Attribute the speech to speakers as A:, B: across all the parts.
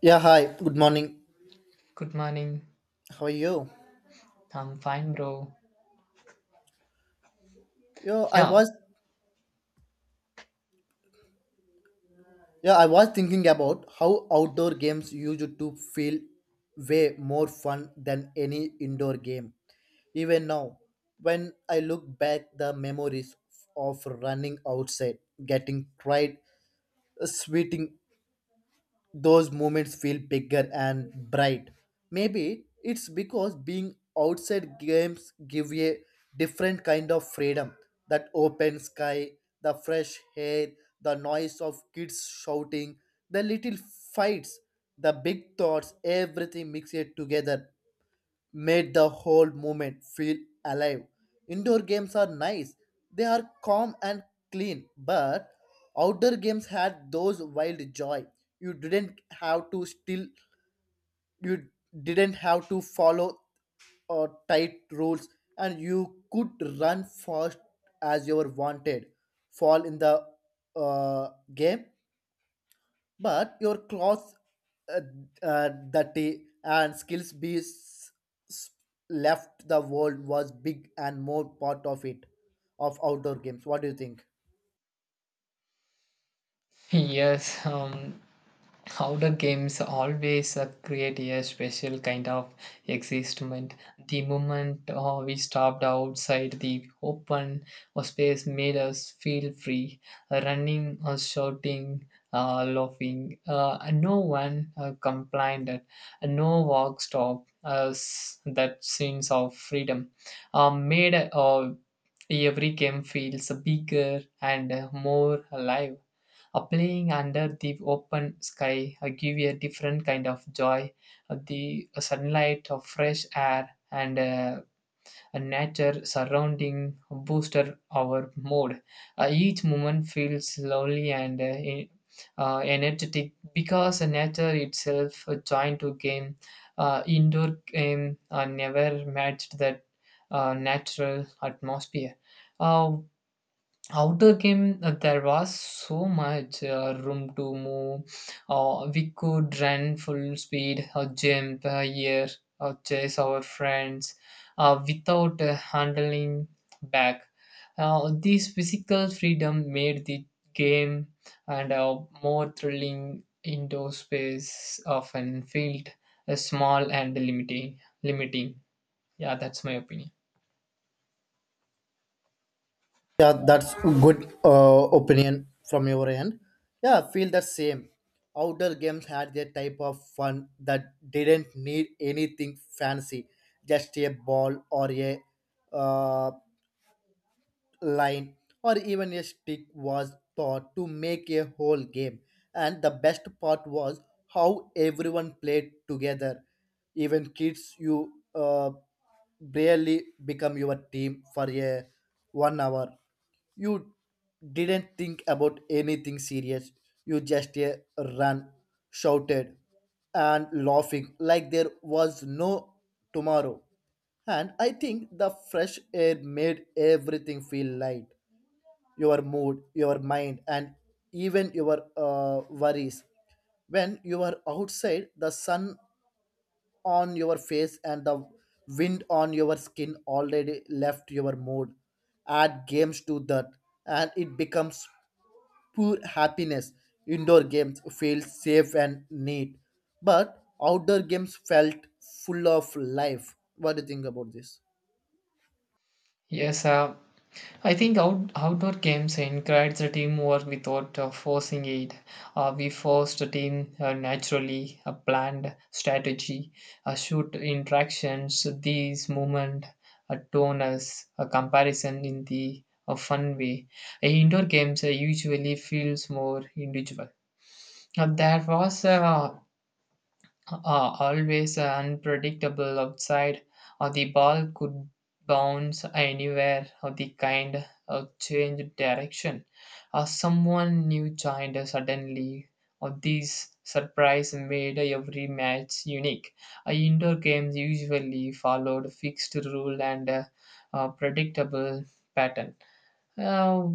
A: Yeah, hi. Good morning.
B: Good morning.
A: How are you?
B: I'm fine, bro.
A: Yeah, I
B: Yeah,
A: was yeah, I was thinking about how outdoor games used to feel way more fun than any indoor game. Even now, when I look back the memories of running outside, getting cried, sweating those moments feel bigger and bright. Maybe it's because being outside games give you a different kind of freedom. That open sky, the fresh air, the noise of kids shouting, the little fights, the big thoughts, everything mixed together made the whole movement feel alive. Indoor games are nice, they are calm and clean, but outdoor games had those wild joy. You didn't have to still, you didn't have to follow tight rules, and you could run fast as you were wanted. Fall in the game but your clothes uh, dirty and skills be s- left the world was big and more part of it of outdoor games. What do you think?
B: yes. Outdoor games always create a special kind of existment. The moment we stopped outside the open space made us feel free, running, or shouting, laughing. And no one complained, and no walk stopped. Us that sense of freedom made every game feels bigger and more alive. Playing under the open sky give you a different kind of joy. The sunlight of fresh air and a nature surrounding booster our mood. Each moment feels lovely and energetic because nature itself joined to game. Indoor game never matched that natural atmosphere. Uh, Outer game, there was so much room to move. We could run full speed, or jump here, or chase our friends without handling back. This physical freedom made the game and a more thrilling indoor space often felt small and limiting. Yeah, that's my opinion.
A: Yeah, that's good opinion from your end. Yeah, I feel the same. Outdoor games had their type of fun that didn't need anything fancy, just a ball or a uh, line, or even a stick was thought to make a whole game. And the best part was how everyone played together. Even kids, you barely become your team for a 1 hour. You didn't think about anything serious. You just ran, shouted, and laughing like there was no tomorrow. And I think the fresh air made everything feel light. Your mood, your mind, and even your worries. When you are outside, the sun on your face and the wind on your skin already left your mood. Add games to that, and it becomes pure happiness. Indoor games feel safe and neat, but outdoor games felt full of life. What do you think about this?
B: Yes, I think outdoor games encourage the teamwork without forcing it. We force the team naturally, a planned strategy, a shoot interactions, these movement, a tonus, a comparison in the a fun way. Indoor games usually feels more individual. There was a are always unpredictable outside, or the ball could bounce anywhere, or the kind of change direction, or someone new joined us suddenly, or these surprise made every match unique. Indoor games usually followed fixed rule and predictable pattern. Uh,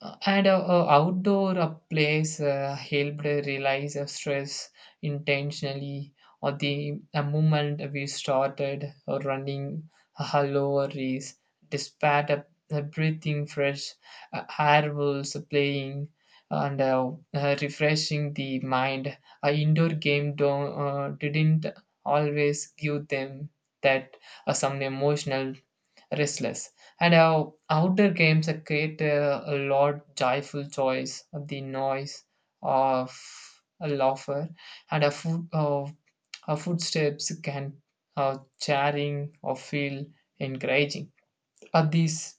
B: and outdoor plays helped realize stress intentionally or the moment we started running a hello race despite breathing fresh air was playing and refreshing the mind a indoor game don't, didn't always give them that some emotional restless. And our outdoor games create a lot joyful joys of the noise of a laughter and a foot of a footsteps can cheering or feel encouraging. But these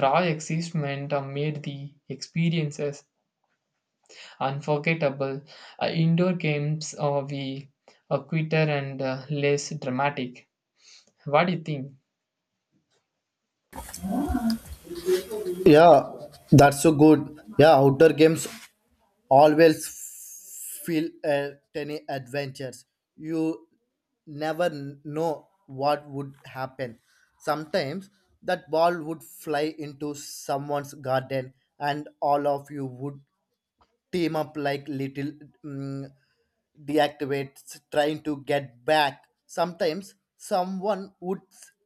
B: raw excitement made the experiences unforgettable. Indoor games we are quicker and less dramatic. What do you think?
A: Yeah, that's so good. Yeah, outdoor games always feel tiny adventures. You never know what would happen. Sometimes that ball would fly into someone's garden and all of you would team up like little mm, deactivates trying to get back. Sometimes someone would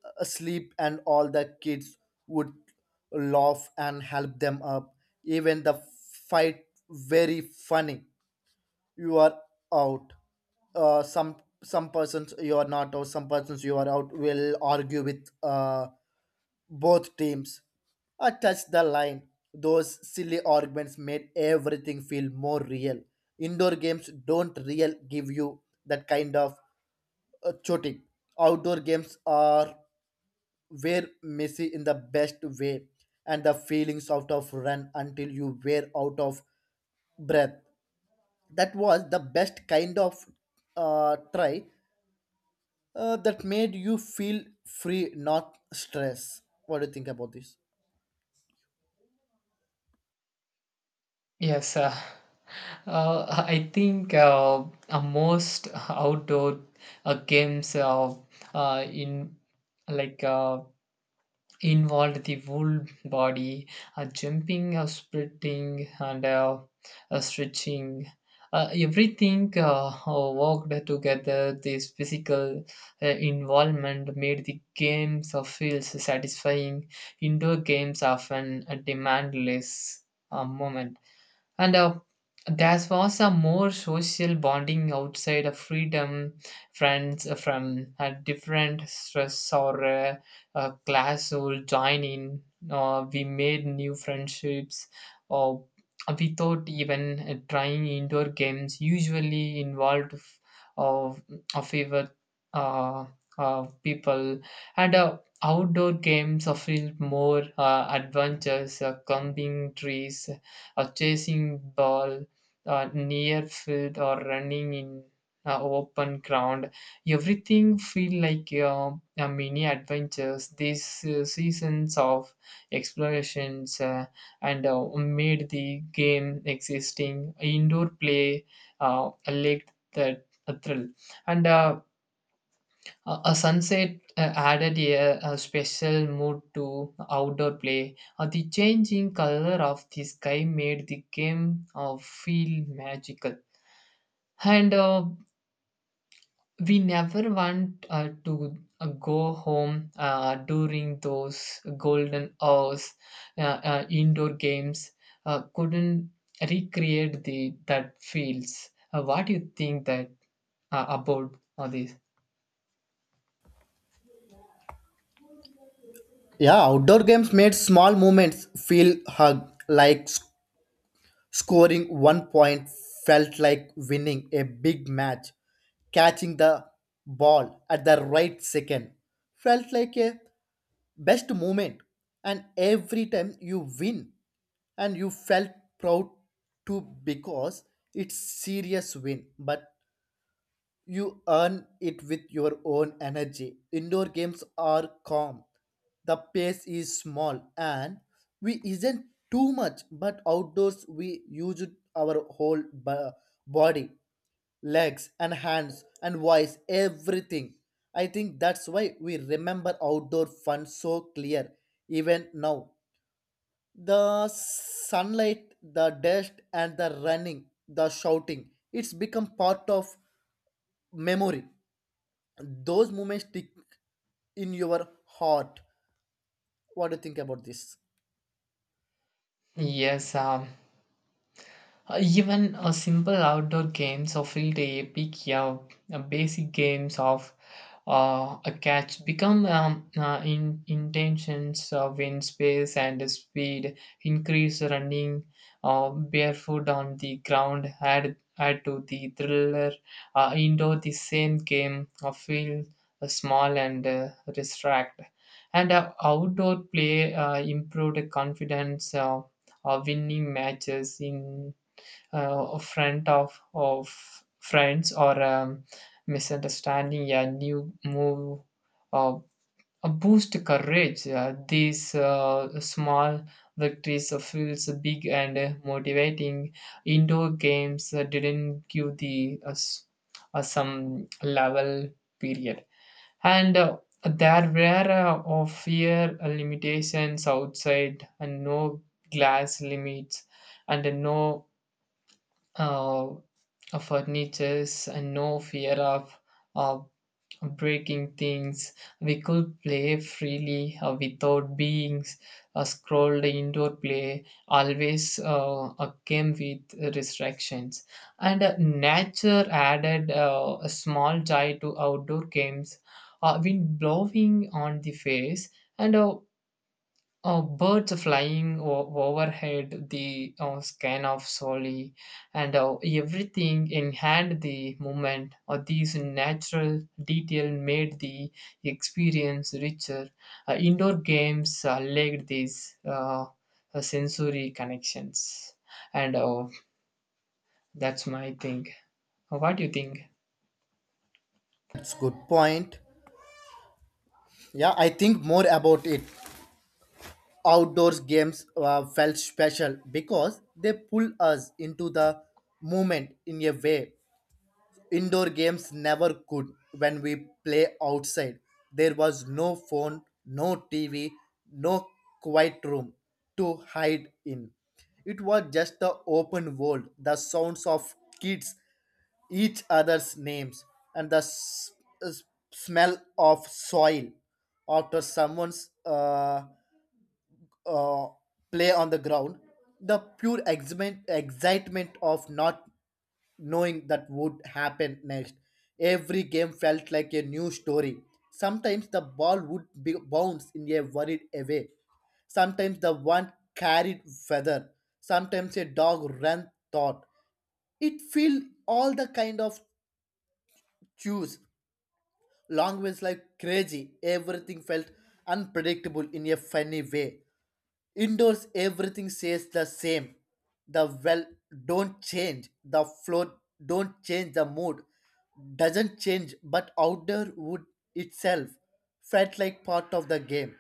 A: sleep and all the kids would laugh and help them up. Even the fight very funny. You are out, uh, some some persons you are not, or some persons you are out will argue with both teams are touched the line. Those silly arguments made everything feel more real. Indoor games don't real give you that kind of choking. Outdoor games are where messy in the best way, and the feelings out of run until you wear out of breath. That was the best kind of try that made you feel free, not stress. What do you think about this?
B: Yes, I think most outdoor games in like involved the whole body, jumping, sprinting, and stretching. Everything worked together. This physical involvement made the games feel satisfying. Indoor games often demand less moment. And there was a more social bonding outside of freedom, friends from a different stress or class would join in. We made new friendships or without even trying indoor games, usually involved f- of of favorite uh, people and outdoor games offer more adventures, climbing trees, or chasing ball near field or running in open ground everything feel like a mini adventures these seasons of explorations and made the game existing indoor play a lake that a thrill and a sunset added a special mood to outdoor play. The changing color of the sky made the game feel magical. And we never want to go home during those golden hours. Uh, indoor games couldn't recreate the that feels. What do you think that about all this?
A: Yeah, outdoor games made small moments feel hug, like scoring one point felt like winning a big match. Catching the ball at the right second felt like a best moment. And every time you win, and you felt proud too because it's serious win, but you earn it with your own energy. Indoor games are calm. The pace is small and we isn't too much, but outdoors we use our whole body, legs and hands and voice, everything. I think that's why we remember outdoor fun so clear even now. The sunlight, the dust and the running, the shouting, it's become part of memory. Those moments stick in your heart. What do you think about this?
B: Yes, even simple outdoor games of field day, pick up, basic games of a catch become in intentions when space and speed increase running barefoot on the ground add to the thriller indoor the same game feel small and distract and outdoor play improved confidence winning matches in front of friends or misunderstanding a new move uh, boost courage. These small victories feels big and motivating. Indoor games didn't give the some level period and there were of fear limitations outside and no glass limits and no uh, furnitures and no fear of uh, breaking things. We could play freely without being scrolled indoor play, always came with restrictions. And nature added a small joy to outdoor games, wind blowing on the face, and birds flying overhead, the scan of solely, and everything enhanced the moment. Or these natural detail made the experience richer. Indoor games lacked these sensory connections, and that's my thing. What do you think?
A: That's good point. Yeah, I think more about it. Outdoors games felt special because they pull us into the moment in a way indoor games never could. When we play outside, there was no phone, no TV, no quiet room to hide in. It was just the open world, the sounds of kids, each other's names, and the uh, s- smell of soil after someone's uh, play on the ground. The pure excitement of not knowing that would happen next. Every game felt like a new story. Sometimes the ball would be bounce in a worried away. Sometimes the one carried feather. Sometimes a dog ran thought. It filled all the kind of cues. Long like crazy. Everything felt unpredictable in a funny way. Indoors, everything stays the same. The well don't change. The floor don't change. The mood doesn't change. But outdoor wood itself felt like part of the game.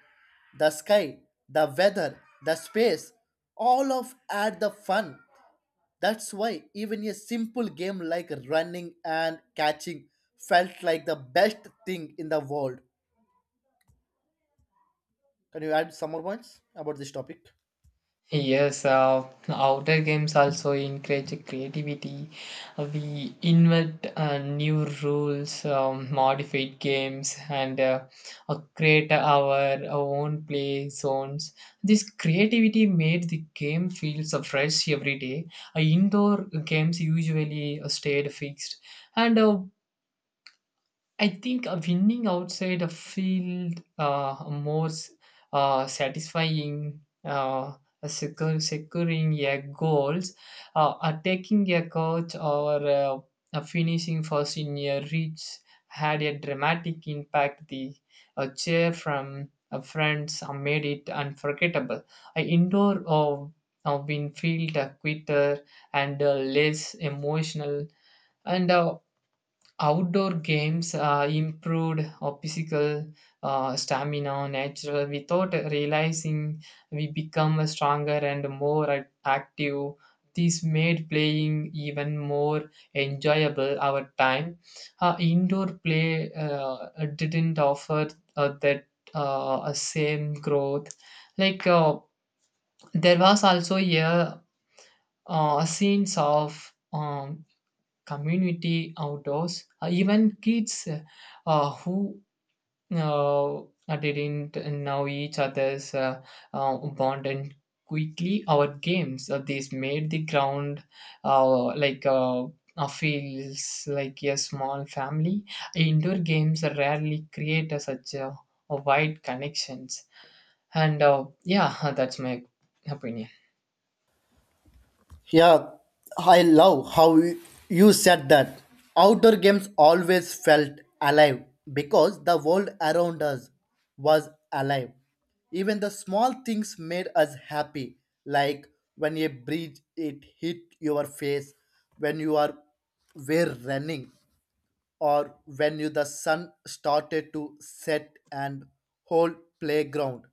A: The sky, the weather, the space, all of add the fun. That's why even a simple game like running and catching felt like the best thing in the world. Can you add some more points about this topic?
B: Yes, outdoor games also encourage creativity. We invent new rules, modify games, and create our own play zones. This creativity made the game feel so fresh every day. Indoor games usually stayed fixed, and I think winning outside a field more satisfying, securing your goals, taking a coach or finishing first in your reach had a dramatic impact. The cheer from friends made it unforgettable. I indoor win field quicker and less emotional and outdoor games improved our physical stamina natural without realizing we become a stronger and more active this made playing even more enjoyable our time indoor play didn't offer that same growth like there was also a scenes of community outdoors even kids who uh, didn't know each other's bond and quickly our games these made the ground uh, like uh, feels like a small family indoor games rarely create a such a wide connections and yeah that's my opinion
A: Yeah, I love how you said that. Outdoor games always felt alive because the world around us was alive. Even the small things made us happy, like when a breeze it hit your face, when you are were running, or when you the sun started to set and whole playground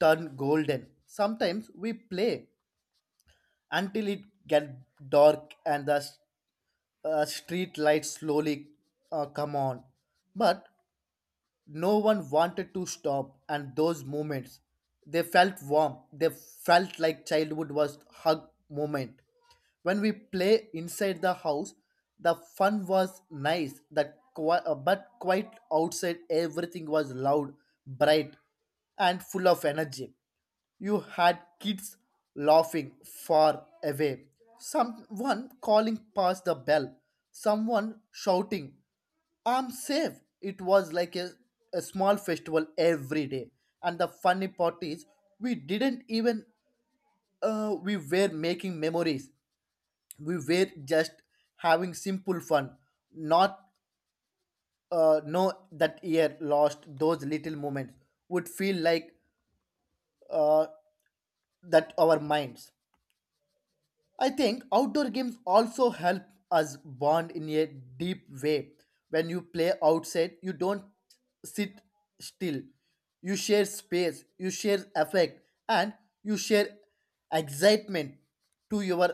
A: turn golden. Sometimes we play until it get dark and the street lights slowly come on. But no one wanted to stop, and those moments, they felt warm. They felt like childhood was hug moment. When we play inside the house, the fun was nice. That but quite outside, everything was loud, bright, and full of energy. You had kids laughing far away, someone calling past the bell, someone shouting. I'm safe. It was like a small festival every day. And the funny part is, we didn't even, we were making memories. We were just having simple fun. Not, no, that year lost those little moments would feel like uh, that our minds. I think outdoor games also help us bond in a deep way. When you play outside, you don't sit still. You share space, you share affect, and you share excitement to your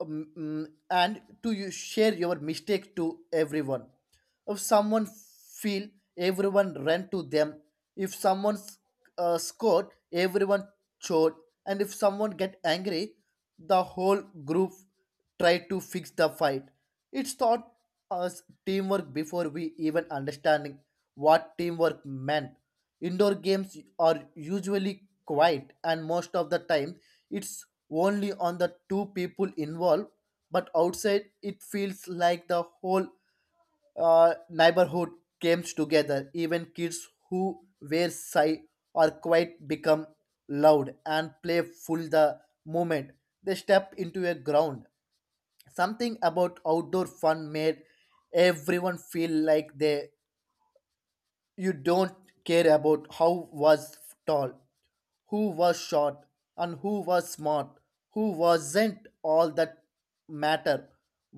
A: and to you share your mistake to everyone. If someone feel, everyone ran to them. If someone scored, everyone showed. And if someone get angry, the whole group try to fix the fight. It's taught us teamwork before we even understanding what teamwork meant. Indoor games are usually quiet, and most of the time, it's only on the two people involved. But outside, it feels like the whole neighborhood comes together. Even kids who were shy or quiet become loud and playful the moment they step into a ground. Something about outdoor fun made everyone feel like they you don't care about how was tall, who was short, and who was smart, who wasn't. All that matter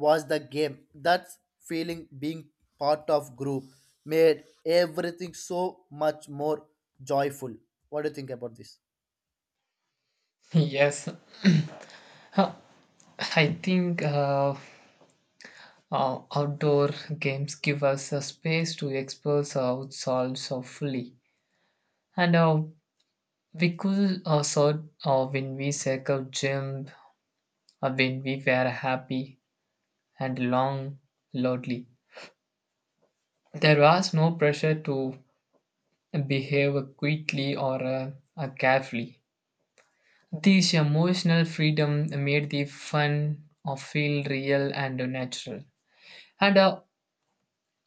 A: was the game. That feeling being part of group made everything so much more joyful. What do you think about this?
B: yes Huh. I think outdoor games give us a space to express ourselves so fully. And we could when we circle jump, when we were happy and long loudly. There was no pressure to behave quickly or carefully. This emotional freedom made the fun feel real and natural. And uh,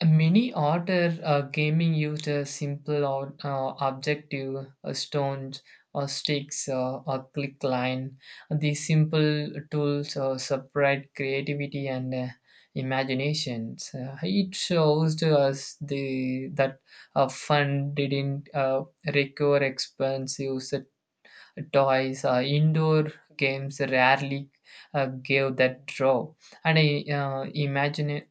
B: Many order gaming used a simple or objective, stones or sticks or click line. These simple tools separate creativity and imaginations. It shows to us the that fun didn't require expensive toys. Indoor games rarely gave that draw and I imagine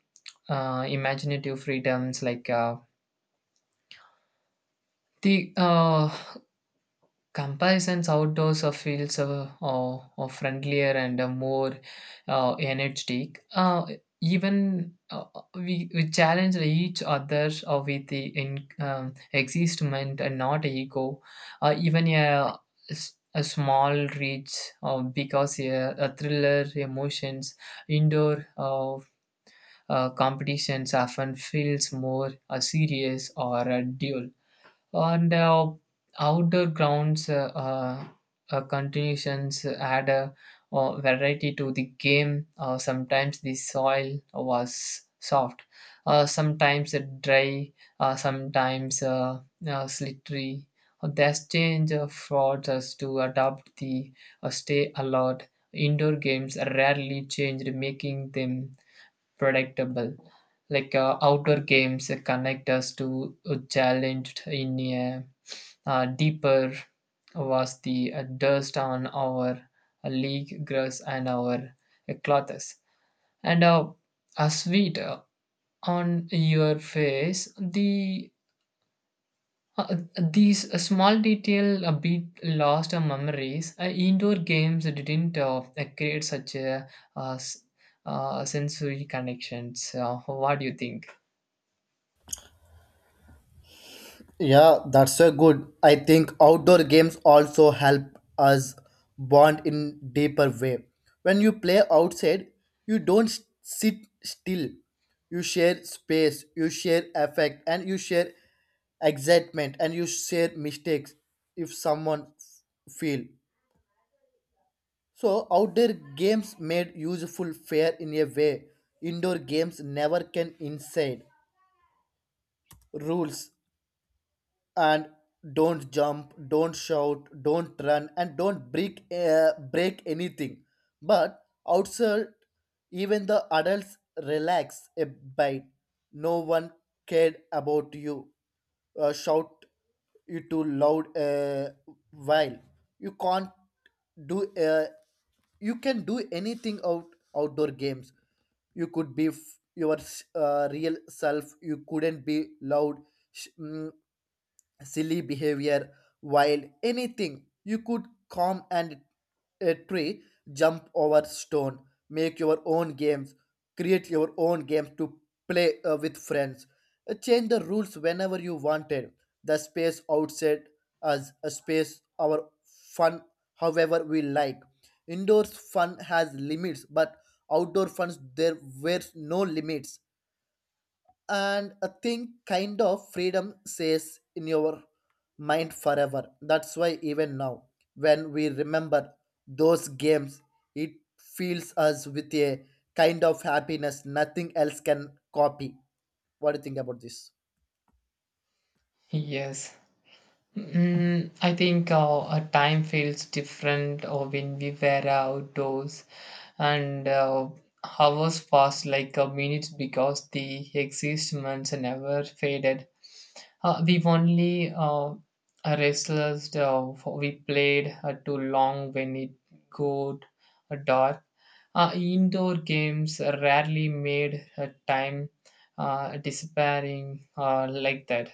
B: imaginative freedoms like the comparisons outdoors of fields are friendlier and more energetic. Even we challenge each other with the existment and not ego. Even a small reach uh, because a, a thriller emotions indoor competitions often feels more serious or a duel. On the outdoor grounds, continuations add a variety to the game. Sometimes the soil was soft, sometimes dry, sometimes slippery. This change forced us to adopt the stay alert indoor games are rarely changed, making them predictable. Like outdoor games connect us to a challenge in a deeper was the dust on our league grass and our clothes and a sweet on your face the uh, these small detail a bit lost memories indoor games didn't create such a uh, s- sensory connections what do you think
A: Yeah, that's so good. I think outdoor games also help us bond in deeper way. When you play outside, you don't sit still. You share space, you share affect, and you share excitement, and you share mistakes if someone feel. So outdoor games made useful fair in a way indoor games never can. Inside rules and don't jump, don't shout, don't run, and don't break break anything, but outside even the adults relax a bit. No one cared about you shout you too loud while you can't do you can do anything. Out outdoor games you could be real self. You couldn't be loud, sh- mm, silly behavior while anything you could calm and a tree, jump over stone, make your own games, create your own games to play with friends. Change the rules whenever you wanted. The space outside as a space our fun however we like. Indoors fun has limits, but outdoor funs there were no limits. And I think kind of freedom stays in your mind forever. That's why even now, when we remember those games, it fills us with a kind of happiness nothing else can copy. What do you think about this?
B: Yes. Mm, I think our time feels different when we were outdoors, and hours pass like a minute because the existence never faded. We've only restless, we played too long when it got dark. Indoor games rarely made time disappearing like that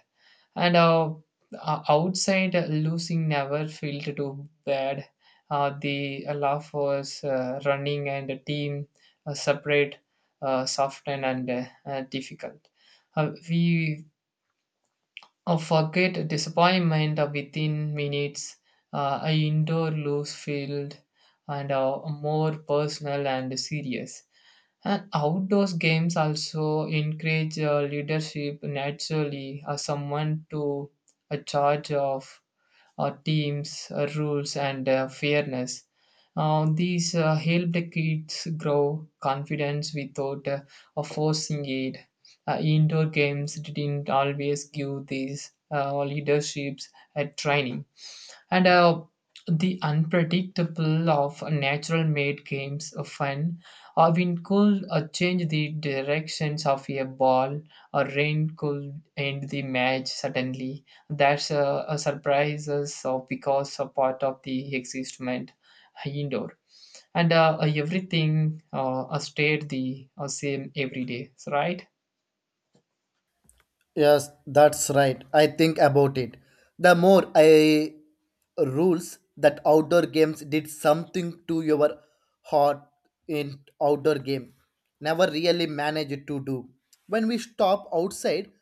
B: and outside losing never felt too bad the laugh was running and the team separate soft and difficult we forget disappointment within minutes a indoor loose field and more personal and serious and outdoors games also encourage leadership naturally, someone to a charge of teams, rules, and fairness. These help the kids grow confidence without forcing it. Indoor games didn't always give these leaderships at training and the unpredictable of natural made games of fun a wind could change the directions of a ball a rain could end the match suddenly that's a surprises because a part of the existment indoor and everything stayed the same every day right
A: Yes, that's right. I think about it. The more I rules that outdoor games did something to your heart in outdoor game. Never really managed to do. When we stop outside,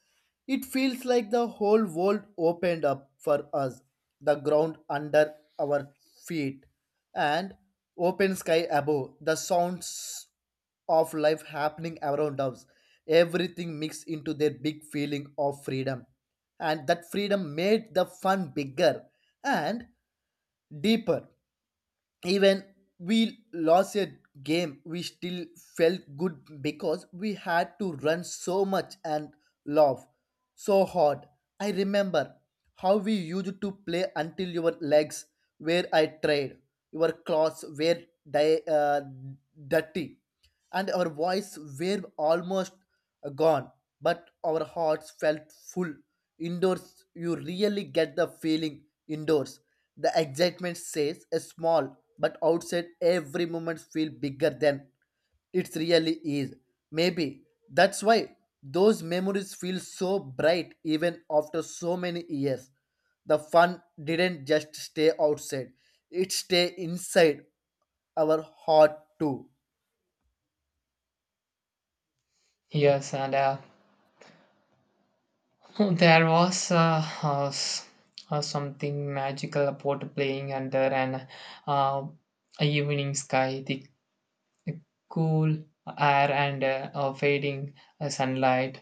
A: it feels like the whole world opened up for us. The ground under our feet and open sky above. The sounds of life happening around us. Everything mixed into their big feeling of freedom. And that freedom made the fun bigger and deeper. Even we lost a game, we still felt good because we had to run so much and laugh so hard. I remember how we used to play until your legs were I tried, your clothes were di- uh, dirty, and our voice were almost gone, but our hearts felt full. Indoors, you really get the feeling. Indoors, the excitement says is small, but outside, every moment feels bigger than it really is. Maybe that's why those memories feel so bright even after so many years. The fun didn't just stay outside, it stayed inside our heart too.
B: yes and there was something magical about playing under an uh, evening sky, the cool air and fading sunlight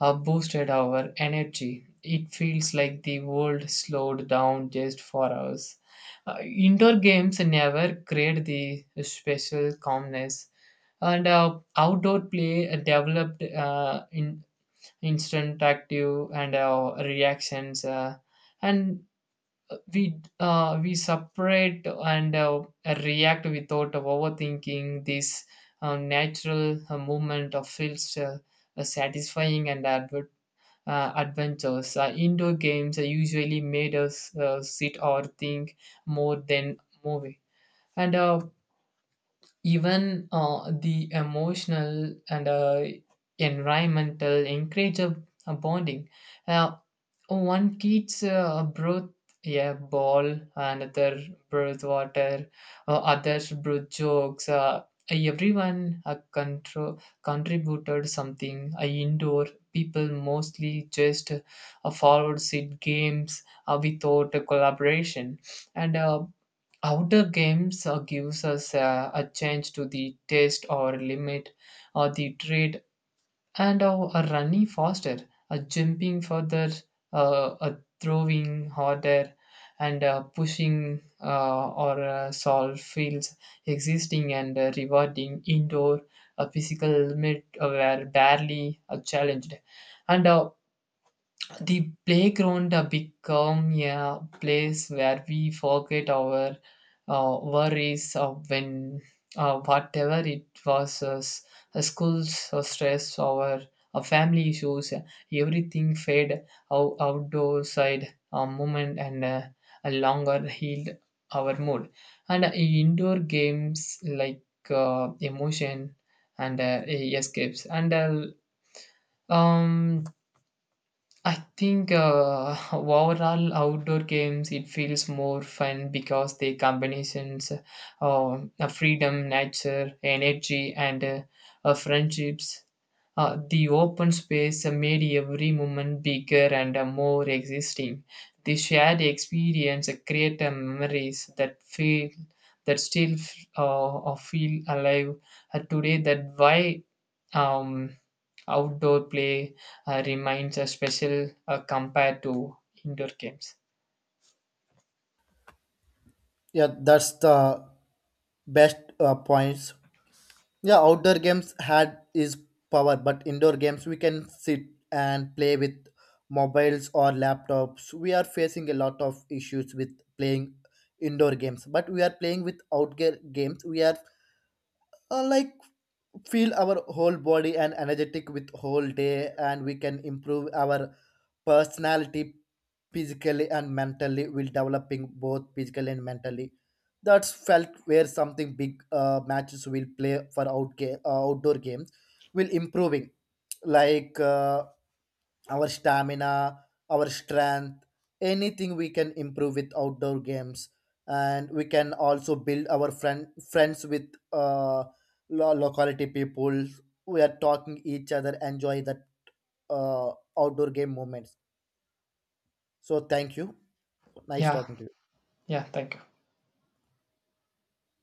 B: boosted our energy. It feels like the world slowed down just for us. Indoor games never create the special calmness, and outdoor play developed in instant active and reactions and we we separate and react without overthinking this natural movement of feels satisfying and adventures indoor games are usually made us sit or think more than movie and even the emotional and environmental encourage a bonding. Uh, one kid's breath a ball, another breath water, others breath jokes. Everyone contributed something. Indoor people mostly just forward seat games without a collaboration and Outer games gives us a change to the taste or limit or the trade and a running faster, a jumping further, a throwing harder, and pushing or solve fields existing and rewarding indoor a physical limit were barely challenged, and the playground become a place where we forget our worries of when whatever it was, school's stress, our family issues, everything fade outdoor side a moment and a longer healed our mood. And indoor games like emotion and escapes and um I think overall outdoor games it feels more fun because they combinations freedom, nature, energy, and friendships. The open space made every moment bigger and more existing. The shared experience create memories that still feel alive today. That why um, outdoor play remains a special compared to indoor games.
A: Yeah, that's the best points. Yeah, outdoor games had is power, but indoor games we can sit and play with mobiles or laptops. We are facing a lot of issues with playing indoor games, but we are playing with outdoor games. We are like feel our whole body and energetic with whole day and we can improve our personality physically and mentally. We'll developing both physically and mentally. That's felt where something big matches will play for outdoor games will improving like our stamina, our strength, anything we can improve with outdoor games. And we can also build our friends with locality people. We are talking each other, enjoy that uh, outdoor game moments. So thank you. Nice
B: Yeah,
A: talking to you.
B: yeah. Thank you.